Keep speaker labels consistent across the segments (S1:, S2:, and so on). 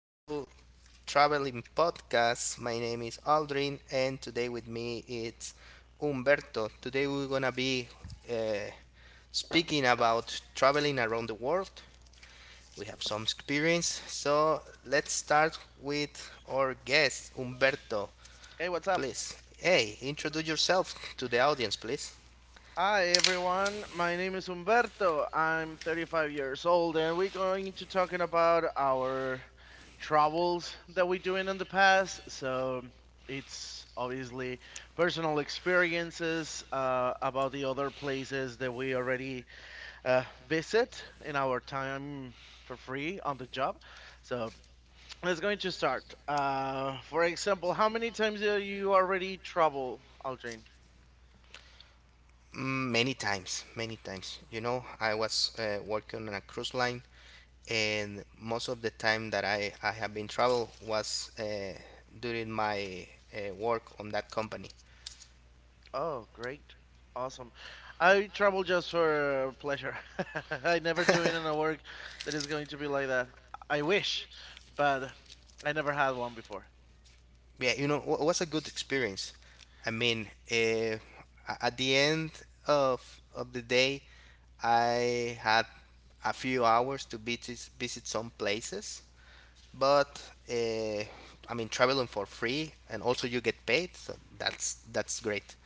S1: to Traveling Podcast. My name is Aldrin, and today with me it's Umberto. Today we're gonna be uh, speaking about traveling around the world. We have some experience, so let's start with our guest, Umberto.
S2: Hey, what's up?
S1: Please, hey, introduce yourself to the audience, please.
S2: Hi, everyone. My name is Humberto. I'm 35 years old, and we're going to talking about our travels that we doing in the past. So it's obviously personal experiences about the other places that we already uh, visit in our time for free on the job. So let's going to start. For example, how many times do you already travel, Aldrin?
S1: Many times, many times. You know, I was working on a cruise line, and most of the time that I have been travel was during my work on that company.
S2: Oh, great. Awesome. I travel just for pleasure. I never doing in a work that is going to be like that. I wish, but I never had one before.
S1: Yeah, it was a good experience. I mean, at the end of the day, I had a few hours to visit some places, but uh, I mean, traveling for free and also you get paid, so that's great,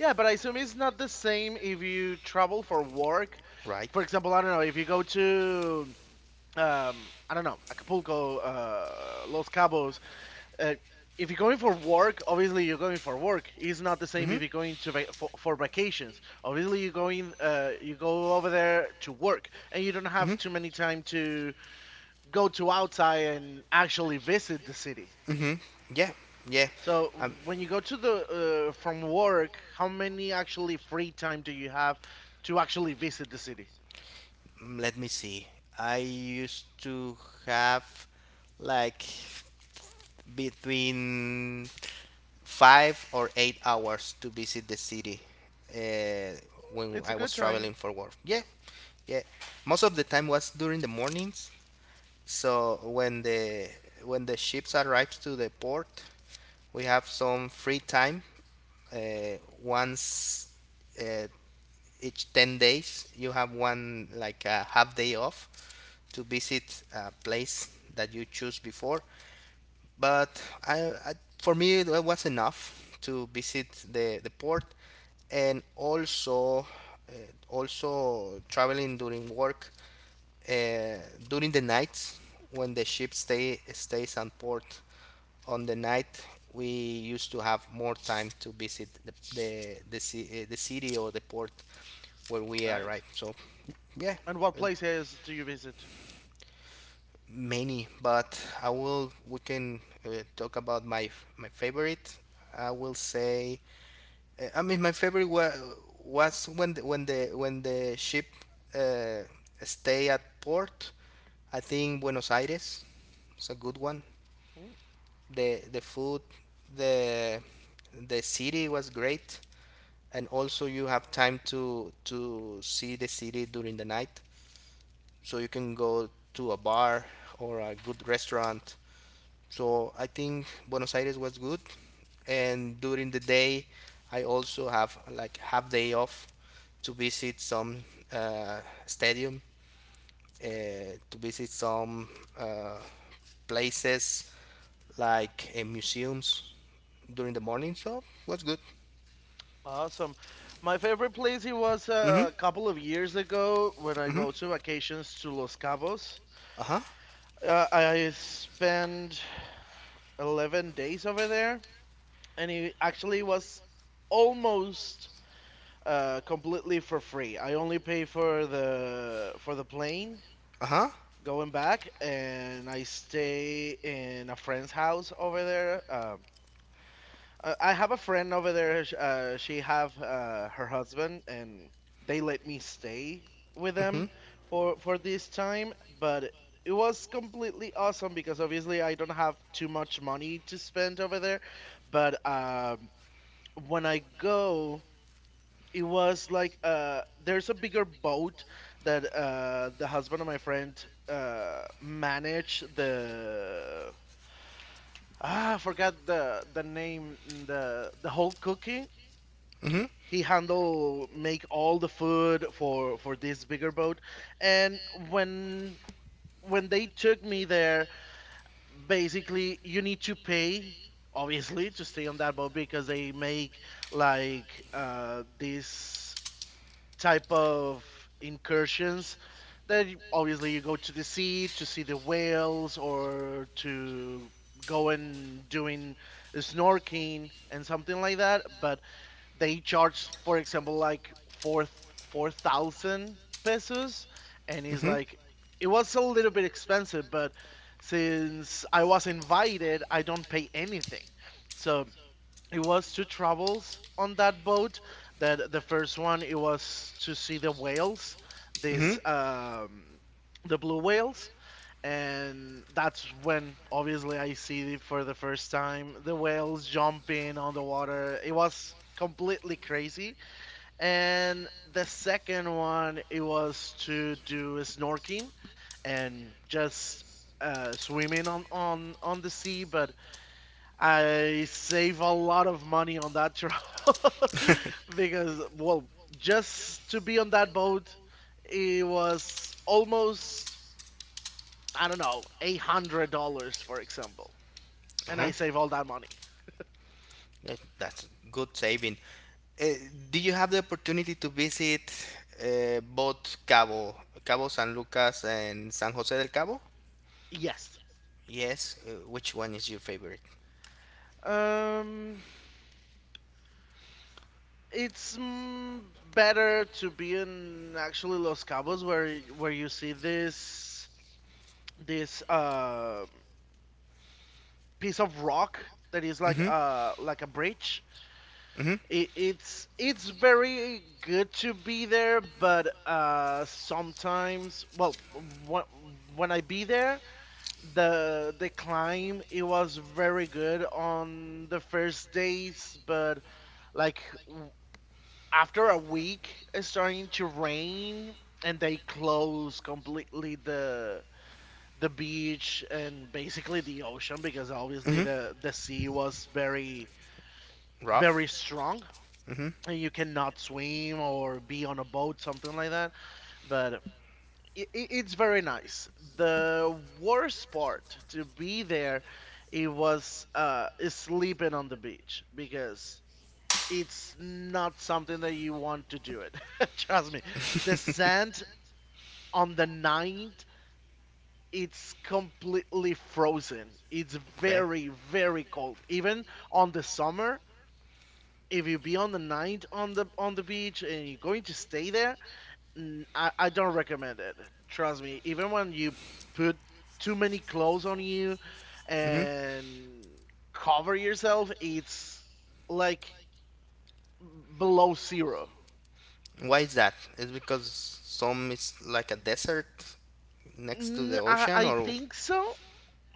S2: Yeah, but I assume it's not the same if you travel for work.
S1: right?
S2: For example, I don't know, if you go to I don't know, Acapulco, Los Cabos, uh, if you're going for work, obviously you're going for work. It's not the same
S1: Hmm.
S2: if you're going to for vacations. Obviously you're going, you go over there to work, and you don't have
S1: Hmm.
S2: too many time to go to outside and actually visit the city.
S1: Hmm. Yeah, yeah.
S2: So
S1: Um,
S2: when you go to the from work, how many actually free time do you have to actually visit the city?
S1: Let me see. I used to have like between 5 or 8 hours to visit the city, uh, when
S2: It's a
S1: I
S2: good
S1: was
S2: time.
S1: traveling for work. Yeah, yeah. Most of the time was during the mornings. So when the ships arrive to the port, we have some free time. Once, uh, each 10 days, you have one like a half day off to visit a place that you choose before. But I for me it was enough to visit the port, and also uh, also traveling during work, uh, during the nights. When the ship stays on port on the night, we used to have more time to visit the city or the port where we
S2: Nice.
S1: arrive, so yeah.
S2: And what
S1: uh,
S2: places do you visit?
S1: Many, but I will we can uh, talk about my favorite. I will say, I mean, my favorite was when the, when the when the ship uh, stay at port. I think Buenos Aires is a good one.
S2: Hmm?
S1: The food, the city was great. And also you have time to see the city during the night, so you can go to a bar or a good restaurant. So I think Buenos Aires was good. And during the day I also have like half day off to visit some uh, stadium, uh, to visit some uh, places, like museums, during the morning, so was good.
S2: Awesome. My favorite place it was
S1: Mm-hmm.
S2: a couple of years ago when I
S1: Mm-hmm.
S2: go to vacations to Los Cabos.
S1: Uh-huh.
S2: I spent 11 days over there, and it actually was almost completely for free. I only pay for the plane
S1: Uh-huh.
S2: going back, and I stay in a friend's house over there. I have a friend over there. She have her husband, and they let me stay with
S1: Mm-hmm.
S2: them for this time. But it was completely awesome because obviously I don't have too much money to spend over there. But when I go, it was like there's a bigger boat that the husband of my friend manage the. Ah, I forgot the name, the whole cooking
S1: Mm-hmm.
S2: he handle make all the food for this bigger boat. And when they took me there, basically you need to pay obviously to stay on that boat because they make like this type of incursions that obviously you go to the sea to see the whales or to go and doing snorkeling and something like that, but they charge, for example, like four thousand pesos, and it's
S1: Mm-hmm.
S2: like it was a little bit expensive, but since I was invited, I don't pay anything. So it was two travels on that boat. That the first one it was to see the whales,
S1: Mm-hmm.
S2: this the blue whales, and that's when obviously I see it for the first time the whales jumping on the water. It was completely crazy. And the second one, it was to do snorkeling and just swimming on the sea. But I save a lot of money on that travel. Because, well, just to be on that boat, it was almost I don't know, $800, for example, and I
S1: Uh-huh.
S2: save all that money.
S1: That's good saving. Uh, do you have the opportunity to visit both Cabo, Cabo San Lucas and San Jose del Cabo?
S2: Yes.
S1: Yes. Which one is your favorite?
S2: Um, it's better to be in actually Los Cabos where you see this piece of rock that is
S1: Mm hmm.
S2: like a bridge.
S1: Mm hmm.
S2: It's it's very good to be there, but sometimes well, when I be there, the climb it was very good on the first days, but like w- after a week it's starting to rain and they close completely the beach and basically the ocean because
S1: Mm
S2: obviously
S1: hmm.
S2: the sea was very,
S1: Rough.
S2: very strong
S1: Mm hmm.
S2: and you cannot swim or be on a boat something like that, but it's very nice. The worst part to be there, it was is sleeping on the beach because it's not something that you want to do it. Trust me. The sand on the night, it's completely frozen. It's
S1: Okay.
S2: very, very cold. Even on the summer, if you be on the night on the beach and you're going to stay there, I don't recommend it. Trust me, even when you put too many clothes on you
S1: Mm hmm.
S2: and cover yourself, it's like below zero.
S1: Why is that? Is because some is like a desert next to the
S2: Mm, I,
S1: ocean,
S2: I
S1: or
S2: think so.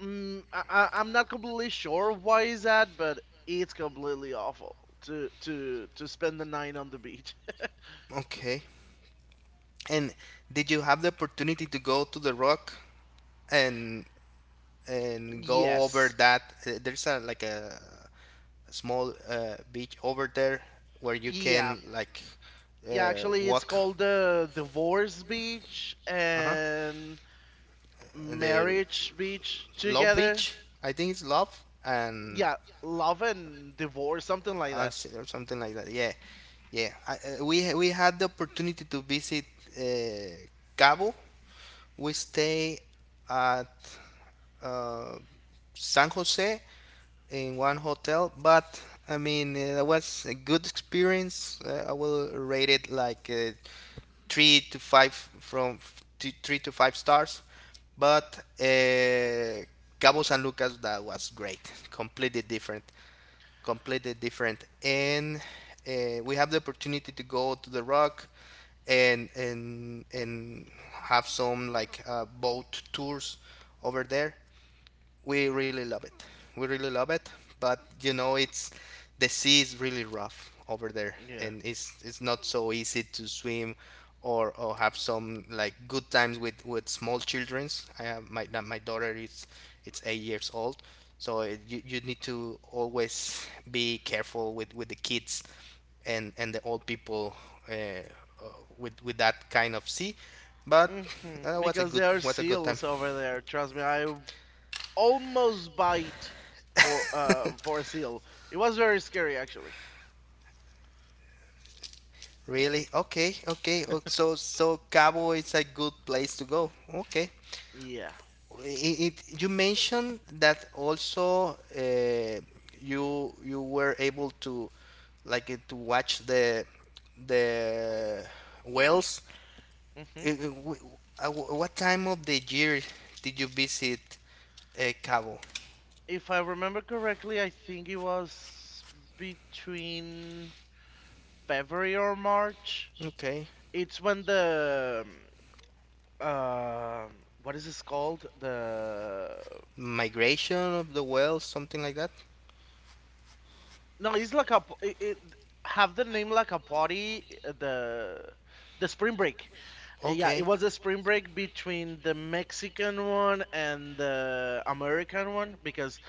S2: I'm not completely sure why is that, but it's completely awful to spend the night on the beach.
S1: okay. And did you have the opportunity to go to the rock and and go over
S2: Yes.
S1: that? There's a like a small beach over there where you
S2: Yeah.
S1: can like
S2: Yeah, actually it's
S1: walk.
S2: called the Divorce Beach
S1: Uh huh.
S2: and
S1: The
S2: marriage beach
S1: Love
S2: together.
S1: Beach, I think it's Love, and
S2: Yeah, love and divorce, something like that.
S1: and or something like that. Yeah, yeah. I, we had the opportunity to visit uh, Cabo. We stay at uh, San Jose in one hotel. But I mean, that was a good experience. I will rate it like, three to five, from three to five stars. But Cabo San Lucas, that was great, completely different, completely different. And we have the opportunity to go to the rock, and have some like, boat tours over there. We really love it. We really love it, but you know, it's the sea is really rough over there,
S2: Yeah.
S1: and it's not so easy to swim, or have some like good times with small childrens. I have my daughter is it's 8 years old, so you need to always be careful with the kids and the old people, uh, with that kind of sea. But
S2: hmm Because there are
S1: what a good time.
S2: seals over there. Trust me, I almost bite for a seal. It was very scary actually.
S1: Really? Okay, okay. So Cabo is a good place to go. Okay.
S2: Yeah.
S1: You mentioned that also, you were able to like, to watch the the whales.
S2: hmm
S1: What time of the year did you visit Cabo?
S2: If I remember correctly, I think it was between February or March.
S1: Okay.
S2: It's when the um, uh, what is this called? The
S1: Migration of the whales, something like that.
S2: No, it's like a it have the name like a party. The spring break. Yeah, it
S1: Okay.
S2: was a spring break between the Mexican one and the American one because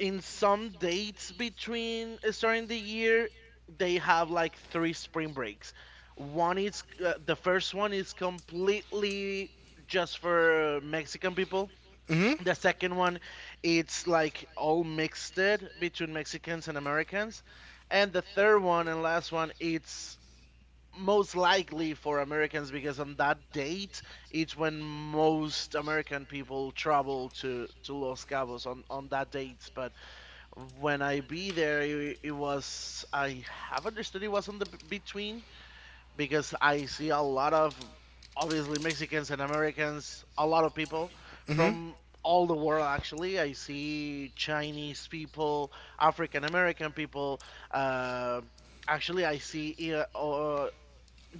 S2: in some dates between starting the year they have like three spring breaks. One is the first one is completely just for Mexican people.
S1: Mm-hmm.
S2: The second one, it's like all mixed it between Mexicans and Americans. And the third one and last one, it's most likely for Americans because on that date, it's when most American people travel to Los Cabos on that date. But when I be there, it was, I have understood it was on the between because I see a lot of obviously Mexicans and Americans, a lot of people
S1: Mm-hmm.
S2: from all the world actually. I see Chinese people, African American people, uh, actually, I see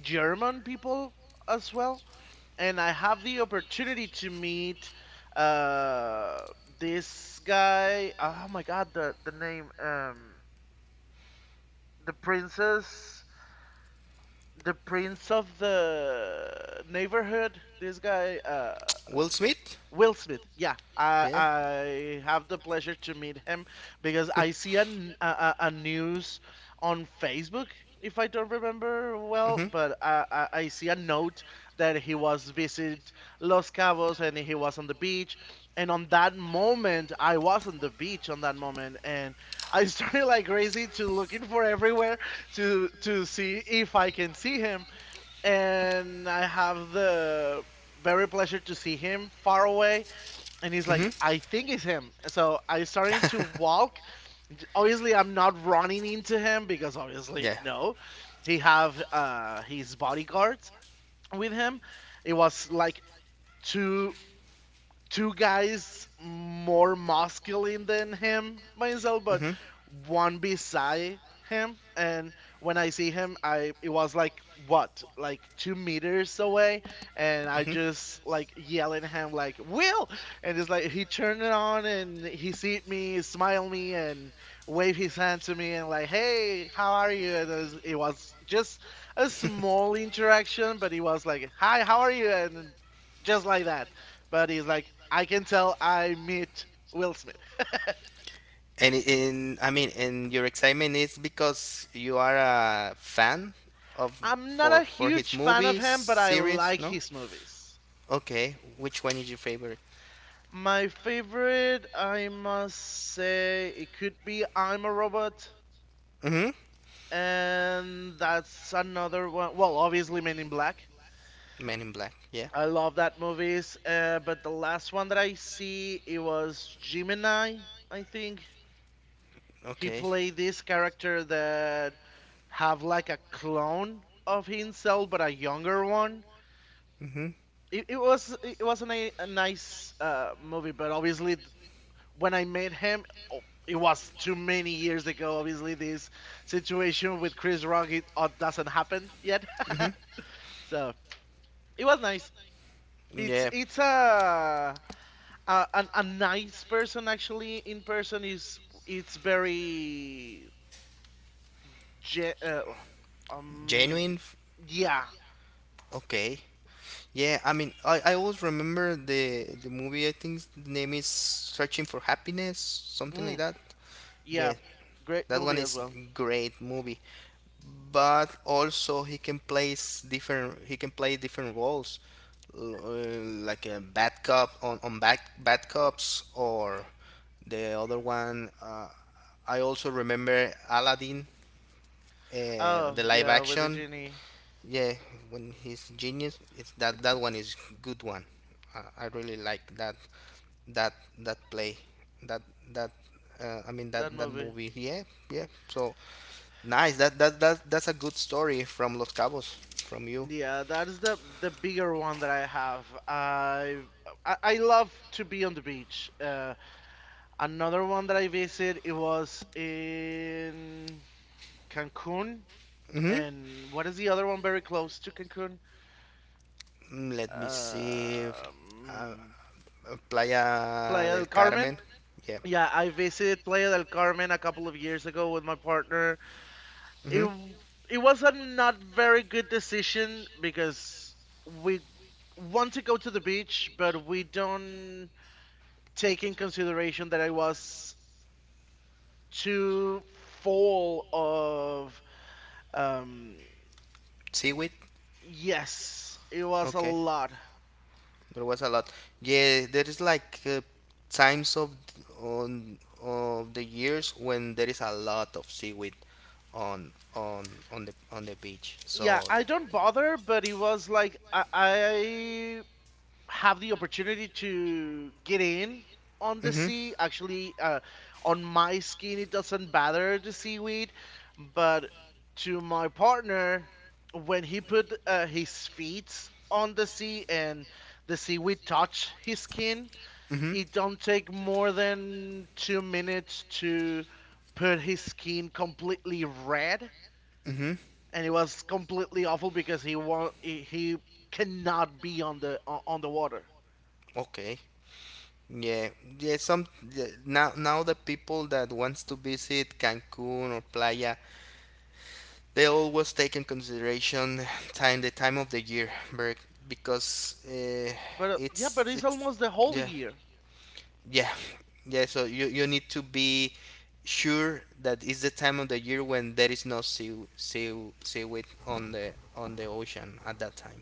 S2: German people as well. And I have the opportunity to meet uh, this guy. Oh my god, the name, the princess the prince of the neighborhood. This guy,
S1: Will Smith?
S2: Will Smith. Yeah, I
S1: Yeah.
S2: have the pleasure to meet him because I see an, a news on Facebook. If I don't remember well, but I see a note that he was visit Los Cabos and he was on the beach, and on that moment I was on the beach on that moment, and I started like crazy to looking for everywhere to see if I can see him, and I have the very pleasure to see him far away. And he's like,
S1: Hmm.
S2: I think it's him. So I started to
S1: Hmm.
S2: walk. Obviously, I'm not running into him because obviously
S1: Yeah.
S2: no. He have his bodyguards with him. It was like two two guys more masculine than him myself,
S1: Myself.
S2: but
S1: Mhm.
S2: one beside him. And when I see him, I it was like what, like 2 meters away, and I
S1: Mhm.
S2: just like yelling at him like Will, and it's like he turned it on and he seed me, smile me, and wave his hand to me and like Hey, how are you? And it was just a
S1: Just.
S2: small interaction, but it was like Hi, how are you? And just like that, but he's like, I can tell I meet Will Smith.
S1: And in, I mean, and your excitement is because you are a fan of,
S2: I'm not a
S1: for yeah, his
S2: huge fan of
S1: movies. I'm a
S2: him,
S1: fan
S2: but
S1: of
S2: I
S1: series, his.
S2: like
S1: No?
S2: his
S1: Like,
S2: movies.
S1: okay, which one is your favorite?
S2: My favorite, I must say, it could be I'm a Robot,
S1: Mm-hmm.
S2: and that's another one. Well, obviously Men in Black.
S1: Men in Black. Yeah.
S2: I love that movies. But the last one that I see, it was Gemini, I think. He
S1: Okay.
S2: played this character that have like a clone of himself, but a younger one.
S1: Hmm.
S2: It was it was a a nice movie, but obviously when I met him, oh, it was too many years ago. Obviously, this situation with Chris Rock it doesn't happen yet.
S1: Hmm.
S2: So it was nice.
S1: Yeah.
S2: It's a nice person actually. In person is it's very ge- uh, um
S1: Genuine.
S2: yeah.
S1: Okay. Yeah, I mean, I always remember the movie. I think the name is Searching for Happiness, something like
S2: mm,
S1: that.
S2: yeah,
S1: Yeah,
S2: great
S1: that
S2: movie
S1: one
S2: as
S1: is
S2: well.
S1: great movie. But also he can plays different. He can play different roles, l- uh, like a bad cop on bad cops. Or the other one, I also remember Aladdin,
S2: Oh
S1: the live
S2: yeah, with the
S1: action.
S2: genie
S1: Yeah, when he's genius, it's that one is good one. I really like that that play, that that I mean
S2: that
S1: that
S2: movie.
S1: movie. Yeah, yeah. So nice. That's a good story from Los Cabos, from you.
S2: Yeah, that's the bigger one that I have. I love to be on the beach. Another one that I visit, it was in Cancun,
S1: Mm-hmm.
S2: and what is the other one very close to Cancun?
S1: Let me see. Uh,
S2: Um,
S1: Playa
S2: Playa
S1: del
S2: del Carmen.
S1: Carmen. Yeah.
S2: Yeah, I visited Playa del Carmen a couple of years ago with my partner. It
S1: Mm-hmm.
S2: w- it was a not very good decision because we want to go to the beach, but we don't take in consideration that I was too full of um
S1: Seaweed.
S2: yes, it was a
S1: Okay.
S2: lot.
S1: There was a lot. Yeah, there is like, times of, on of the years when there is a lot of seaweed on the beach.
S2: Yeah,
S1: So,
S2: I don't bother, but it was like I have the opportunity to get in on the
S1: hmm.
S2: sea. Actually, on my skin, it doesn't bother the seaweed, but to my partner, when he put his feet on the sea and the seaweed touch his skin,
S1: Hmm.
S2: it don't take more than 2 minutes to put his skin completely red,
S1: Hmm.
S2: and it was completely awful because he won't, he cannot be on the water.
S1: Okay. Yeah, yeah. Some Yeah, now the people that wants to visit Cancun or Playa, they always take in consideration time, the time of the year, because,
S2: But yeah, but
S1: it's
S2: it's
S1: it's
S2: almost the whole
S1: yeah,
S2: year.
S1: yeah, yeah. So you need to be sure that it's the time of the year when there is no seaweed on the ocean at that time.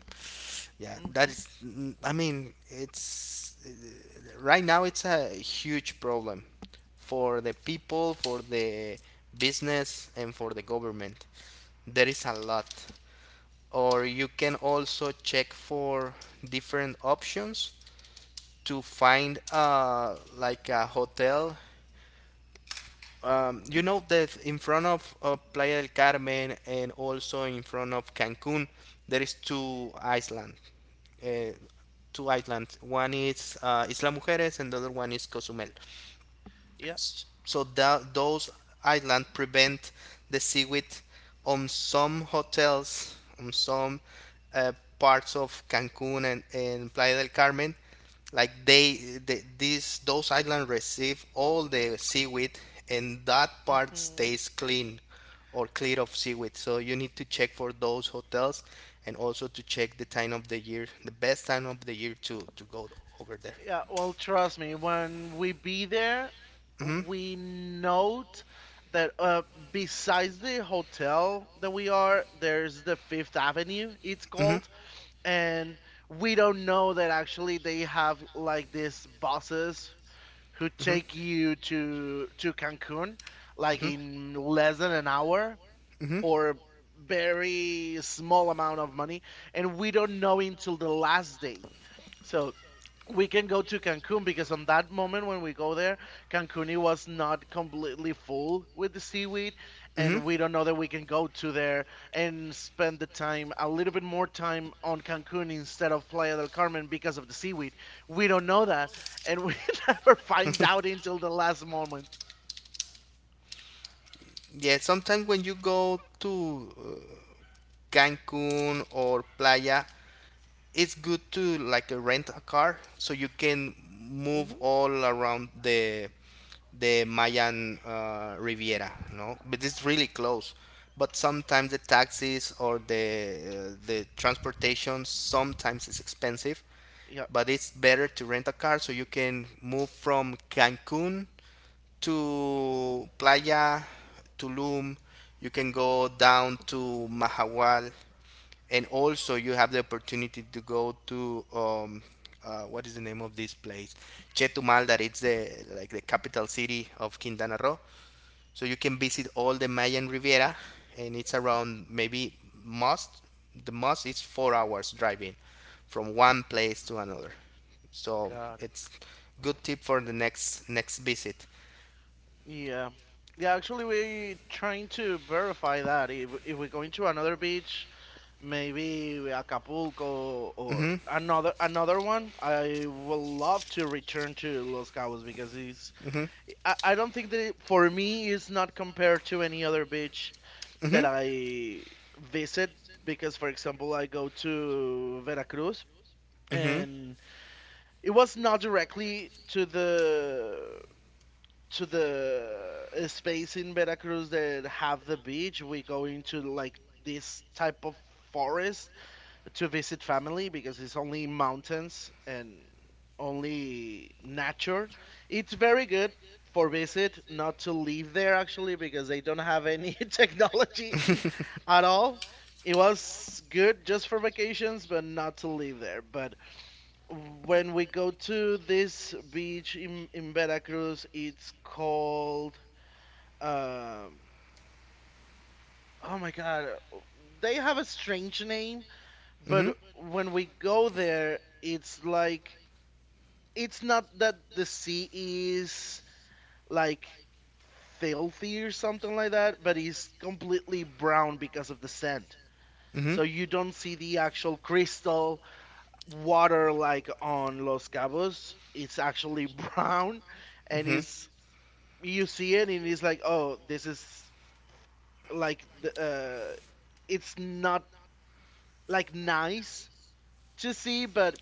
S1: Yeah, that
S2: Hmm
S1: is. I mean, it's, right now it's a huge problem for the people, for the business, and for the government. There is a lot. Or you can also check for different options to find, like a hotel. You know that in front of, Playa del Carmen, and also in front of Cancun, there is uh, two islands. One is, Isla Mujeres, and the other one is Cozumel.
S2: Yeah.
S1: So those islands prevent the seaweed on some hotels, on some, parts of Cancun and Playa del Carmen. Like they these those islands receive all the seaweed, and that part
S2: hmm
S1: stays clean or clear of seaweed. So you need to check for those hotels, and also to check the time of the year, the best time of the year to go over there.
S2: Yeah. Well, trust me, when we be there,
S1: Mm-hmm.
S2: we note that besides the hotel that we are, there's the Fifth Avenue, it's
S1: Hmm.
S2: called, and we don't know that actually they have like these buses who
S1: Called.
S2: take you to Cancun like in less than an hour
S1: Hmm. Hmm.
S2: for very small amount of money, and we don't know until the last day, so we can go to Cancun because on that moment when we go there, Cancun it was not completely full with the seaweed, and we don't know that we can go to there and spend the time a little bit more time on Cancun instead of Playa del Carmen because of the seaweed. We don't know that, and we never find out until the last moment.
S1: Yeah, sometimes when you go to, uh, Cancun or Playa, it's good to like, rent a car so you can move
S2: Hmm
S1: all around the Mayan, Riviera, no? But it's really close. But sometimes the taxis or the transportation sometimes is expensive,
S2: Yeah,
S1: but it's better to rent a car so you can move from Cancun to Playa, Tulum. You can go down to Mahahual, and also you have the opportunity to go to, what is the name of this place, Chetumal, that it's the like the capital city of Quintana Roo. So you can visit all the Mayan Riviera, and it's around maybe most the most is 4 hours driving from one place to another. So
S2: got it.
S1: it's good tip for the next visit.
S2: Yeah. Yeah, actually, we're trying to verify that. If we're going to another beach, maybe Acapulco or
S1: Hmm.
S2: another one, I would love to return to Los Cabos because it's,
S1: Hmm.
S2: I don't think that it, for me it's not compared to any other beach that I visit because, for example, I go to Veracruz,
S1: Hmm.
S2: and it was not directly to the to the uh, space in Veracruz that have the beach. We go into like this type of forest to visit family because it's only mountains and only nature. It's very good for visit, not to live there actually because they don't have any technology at all. It was good just for vacations, but not to live there. But when we go to this beach in Veracruz, it's called um, oh my God, they have a strange name,
S1: Mhm.
S2: but when we go there, it's like it's not that the sea is like filthy or something like that, but it's completely brown because of the sand.
S1: Mhm. Mhm.
S2: So you don't see the actual crystal water like on Los Cabos. It's actually brown, and it's you see it and it's like, oh, this is like the it's not like nice to see, but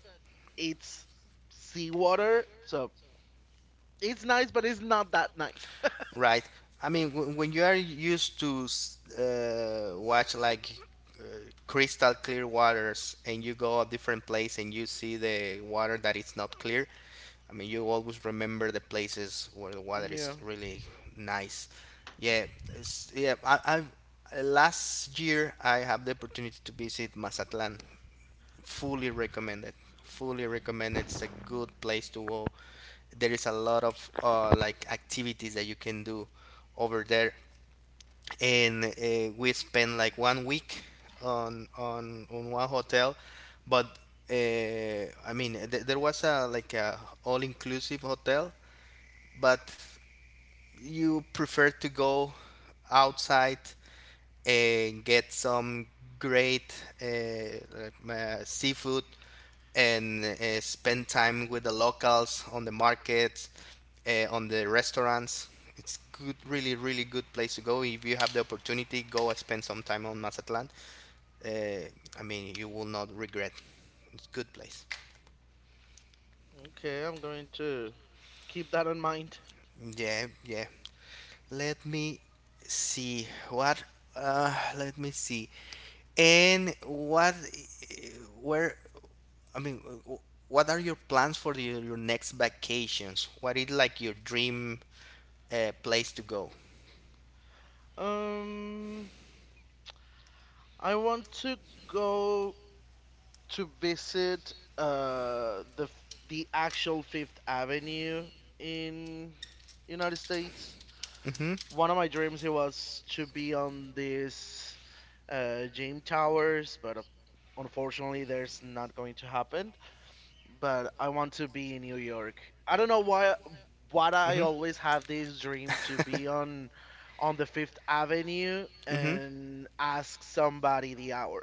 S2: it's seawater, so it's nice, but it's not that nice.
S1: Right. I mean, when you are used to, watch like, uh, crystal clear waters, and you go a different place and you see the water that is not clear, I mean, you always remember the places where the water
S2: Yeah,
S1: is really nice. Yeah, it's, yeah. I Last year I have the opportunity to visit Mazatlan. Fully recommended. Fully recommended. It's a good place to go. There is a lot of, like activities that you can do over there. And we spent like one week on one hotel. But uh, I mean, there was a like a all-inclusive hotel, but you prefer to go outside and get some great, uh, like, seafood, and spend time with the locals on the markets, on the restaurants. It's good, really, really good place to go. If you have the opportunity, go and spend some time on Mazatlan. Uh, I mean, you will not regret. It's a good place.
S2: okay, I'm going to keep that in mind.
S1: Yeah, yeah. Let me see what. Let me see. And what? eh, Where? I mean, what are your plans for your next vacations? What is like your dream, place to go?
S2: Um, I want to go to visit the actual Fifth Avenue in United States.
S1: Mm-hmm.
S2: One of my dreams it was to be on these gym towers, but unfortunately, there's not going to happen. But I want to be in New York. I don't know why. What I always have this dream to
S1: Mm-hmm.
S2: be on the Fifth Avenue
S1: Hmm.
S2: and ask somebody the hour.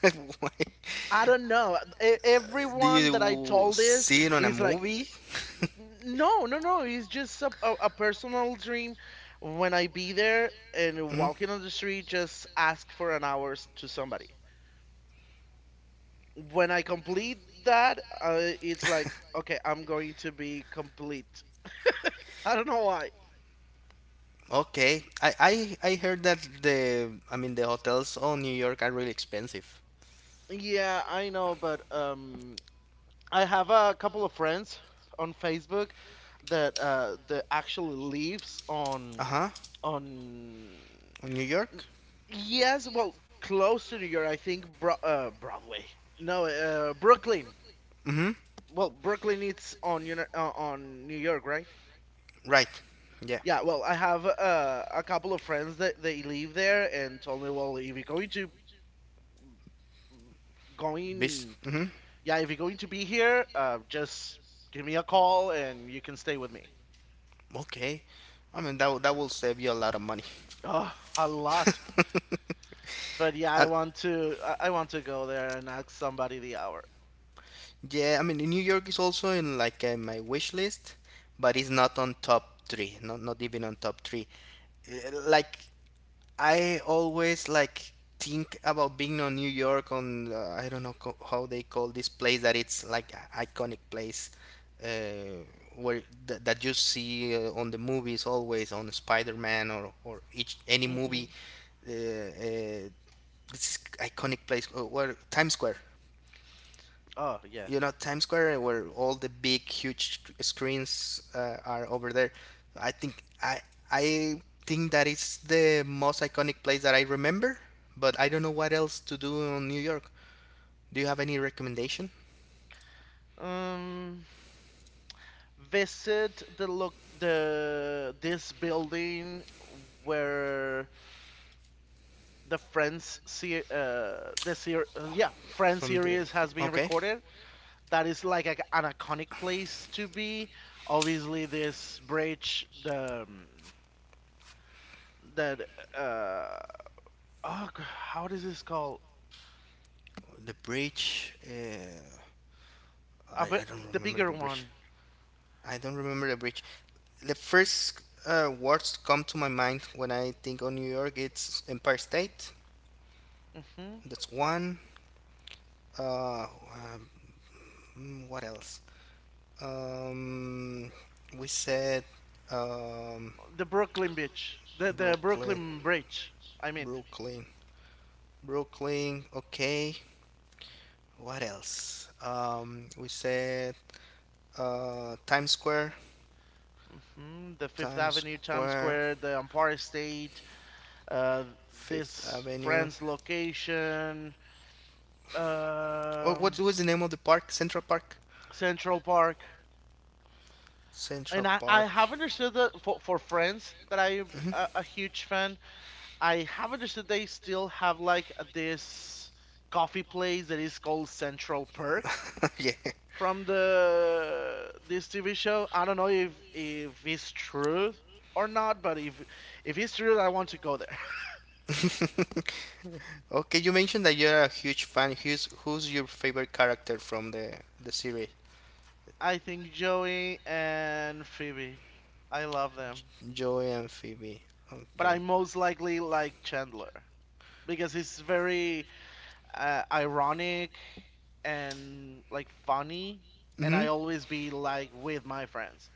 S1: Why?
S2: I don't know. E-
S1: Do
S2: Everyone that I
S1: you
S2: told this
S1: see it on a
S2: is like,
S1: movie?
S2: no, no, no. It's just a personal dream. When I be there and
S1: Mhm.
S2: walking on the street, just ask for an hours to somebody. When I complete that, it's like, okay, I'm going to be complete. I don't know why.
S1: Okay. I heard that the the hotels on New York are really expensive.
S2: Yeah, I know, but I have a couple of friends on Facebook that actually lives on
S1: Uh huh.
S2: on.
S1: On New York.
S2: Yes, well, close to New York, I think Broadway. No, Brooklyn.
S1: Mm-hmm.
S2: Well, Brooklyn it's on Uni on New York, right?
S1: Right. Yeah.
S2: Yeah, well, I have a couple of friends that they live there and told me, well, if you're going to
S1: Bis.
S2: going,
S1: Mm-hmm.
S2: yeah, if you're going to be here, just give me a call and you can stay with me.
S1: Okay. I mean that will save you a lot of money.
S2: Oh, a lot. But yeah, I
S1: Uh,
S2: want to I I want to go there and ask somebody the hour.
S1: Yeah, I mean, New York is also in like my wish list, but it's not on top three. Not even on top three. Like I always like think about being on New York on I don't know how they call this place that it's like iconic place, uh, where that you see on the movies, always on Spider-Man or each any
S2: Hmm
S1: movie, uh, uh, this iconic place where Times Square,
S2: Oh, yeah.
S1: you know, Times Square where all the big huge screens are over there. I think I I think that it's the most iconic place that I remember, but I don't know what else to do in New York. Do you have any recommendation
S2: Um, visit the look the this building where the Friends yeah, Friends
S1: from the?
S2: series has been
S1: Okay.
S2: recorded. That is like a, an iconic place to be. Obviously, this bridge, the that uh oh g- how does this called?
S1: The bridge? Uh, I I
S2: But
S1: don't
S2: the
S1: remember
S2: bigger
S1: the bridge.
S2: one,
S1: I don't remember the bridge. The first words to come to my mind when I think of New York it's Empire State.
S2: hmm
S1: That's one. Uh, um, what else? Um, we said um,
S2: the Brooklyn Beach, the
S1: Brooklyn,
S2: Brooklyn Bridge, I mean.
S1: Brooklyn, Brooklyn. Okay. What else? We said Times Square,
S2: Mhm. The Fifth
S1: Times
S2: Avenue, Times
S1: Square,
S2: Square, the Empire State, uh,
S1: Fifth
S2: this
S1: Avenue.
S2: friend's location,
S1: Oh, what
S2: um,
S1: was the name of the park? Central Park.
S2: Central Park. And
S1: Central
S2: I
S1: Park.
S2: have understood that for friends that I a huge fan, I have understood they still have like this coffee place that is called Central Perk
S1: Yeah.
S2: from the this TV show. I don't know if it's true or not, but if it's true, I want to go there.
S1: Okay, you mentioned that you're a huge fan. Who's your favorite character from the series?
S2: I think Joey and Phoebe. I love them.
S1: Joy and Phoebe.
S2: But I
S1: Okay.
S2: most likely like Chandler because he's very ironic and like funny, and
S1: Mm-hmm.
S2: I always be like with my friends.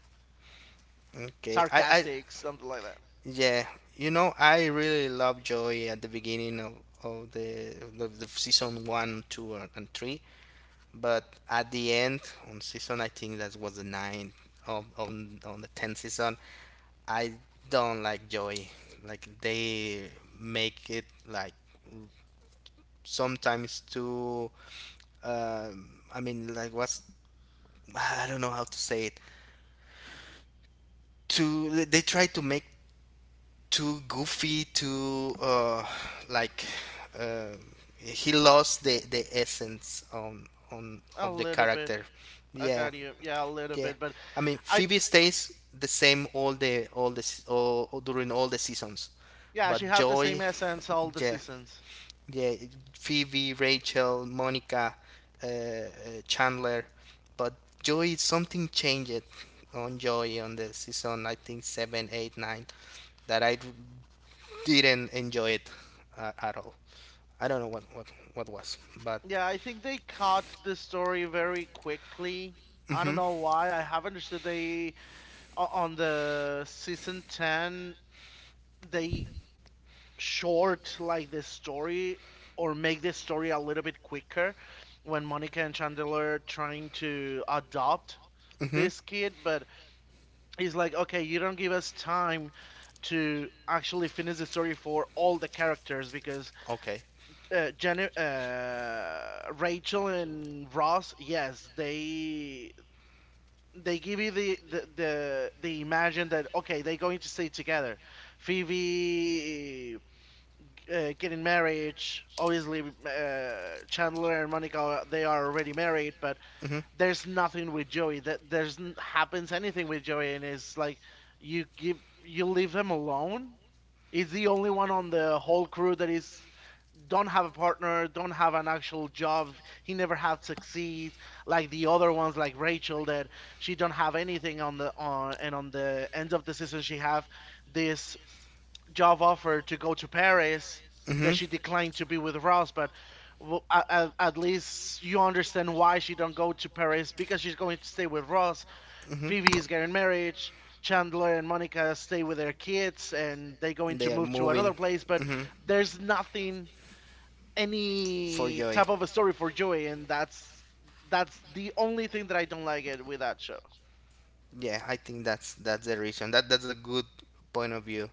S1: Okay. I
S2: Sarcastic, something like that.
S1: Yeah. You know, I really love Joy at the beginning of of the season one, two, and three. But at the end, on season, I think that was the nine of on the tenth season. I don't like Joy. Like they make it like sometimes too. I mean, like what's I don't know how to say it. To They try to make too goofy, too like um he lost the essence on
S2: A
S1: of the
S2: little bit.
S1: character.
S2: I
S1: Yeah.
S2: got you. Yeah, a little
S1: Yeah,
S2: bit, but
S1: I mean
S2: I,
S1: Phoebe stays the same all all during all the seasons,
S2: yeah, she
S1: but
S2: have the same
S1: Joy.
S2: essence all the
S1: Yeah.
S2: seasons.
S1: Yeah. Phoebe, Rachel, Monica, uh, uh, Chandler, but Joy. Something changed on Joy on the season, I think 7 8 9, that I didn't enjoy it, at all. I don't know what was, but
S2: Yeah, I think they cut the story very quickly. I don't
S1: mhm,
S2: know why. I have understood they o- on the season 10, they short like the story or make the story a little bit quicker when Monica and Chandler trying to adopt
S1: mhm,
S2: this kid, but it's like, okay, you don't give us time to actually finish the story for all the characters because
S1: okay,
S2: Jenny, Rachel and Ross, yes, they give you the imagine that okay they're going to stay together. Phoebe getting marriage, obviously, Chandler and Monica, they are already married, but
S1: mhm,
S2: there's nothing with Joey that there's happens anything with Joey, and it's like you give you leave him alone. He's the only one on the whole crew that is don't have a partner, don't have an actual job. He never had succeed like the other ones, like Rachel, that she don't have anything on the on and on the end of the season she have this job offer to go to Paris that
S1: mhm,
S2: she declined to be with Ross. But well, at least you understand why she don't go to Paris because she's going to stay with Ross.
S1: mhm.
S2: Phoebe is getting married. Chandler and Monica stay with their kids, and they going to
S1: They are
S2: move to another
S1: moving.
S2: place. But
S1: Mhm.
S2: there's nothing
S1: For
S2: any
S1: Joy.
S2: type of a story for Joey, and that's the only thing that I don't like it with that show.
S1: Yeah, I think that's the reason. That's a good point of view.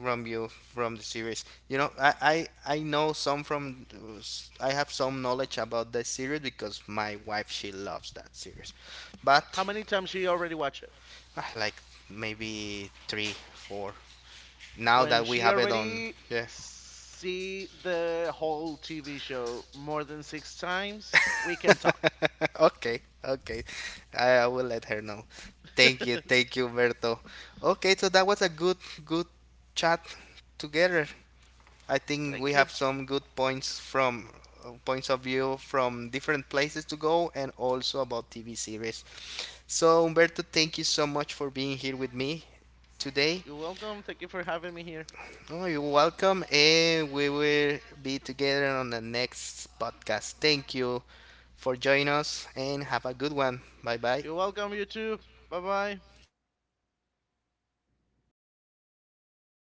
S1: Romeo from the series. You know, I know some from I have some knowledge about that series because my wife, she loves that series,
S2: How
S1: but
S2: many times she already watched it?
S1: ah, like maybe 3 4 now
S2: When
S1: that we
S2: she
S1: have it on.
S2: already
S1: Yeah.
S2: see the whole TV show more than six times, we can talk.
S1: Okay, okay, I will let her know. Thank you, Berto. Okay, so that was a good good chat together. I think we
S2: Thank you.
S1: have some good points from points of view from different places to go and also about TV series. So Umberto, thank you so much for being here with me today.
S2: You're welcome. Thank you for having me here.
S1: Oh, you're welcome, and we will be together on the next podcast. Thank you for joining us and have a good one. Bye bye.
S2: You're welcome, you too. Bye bye.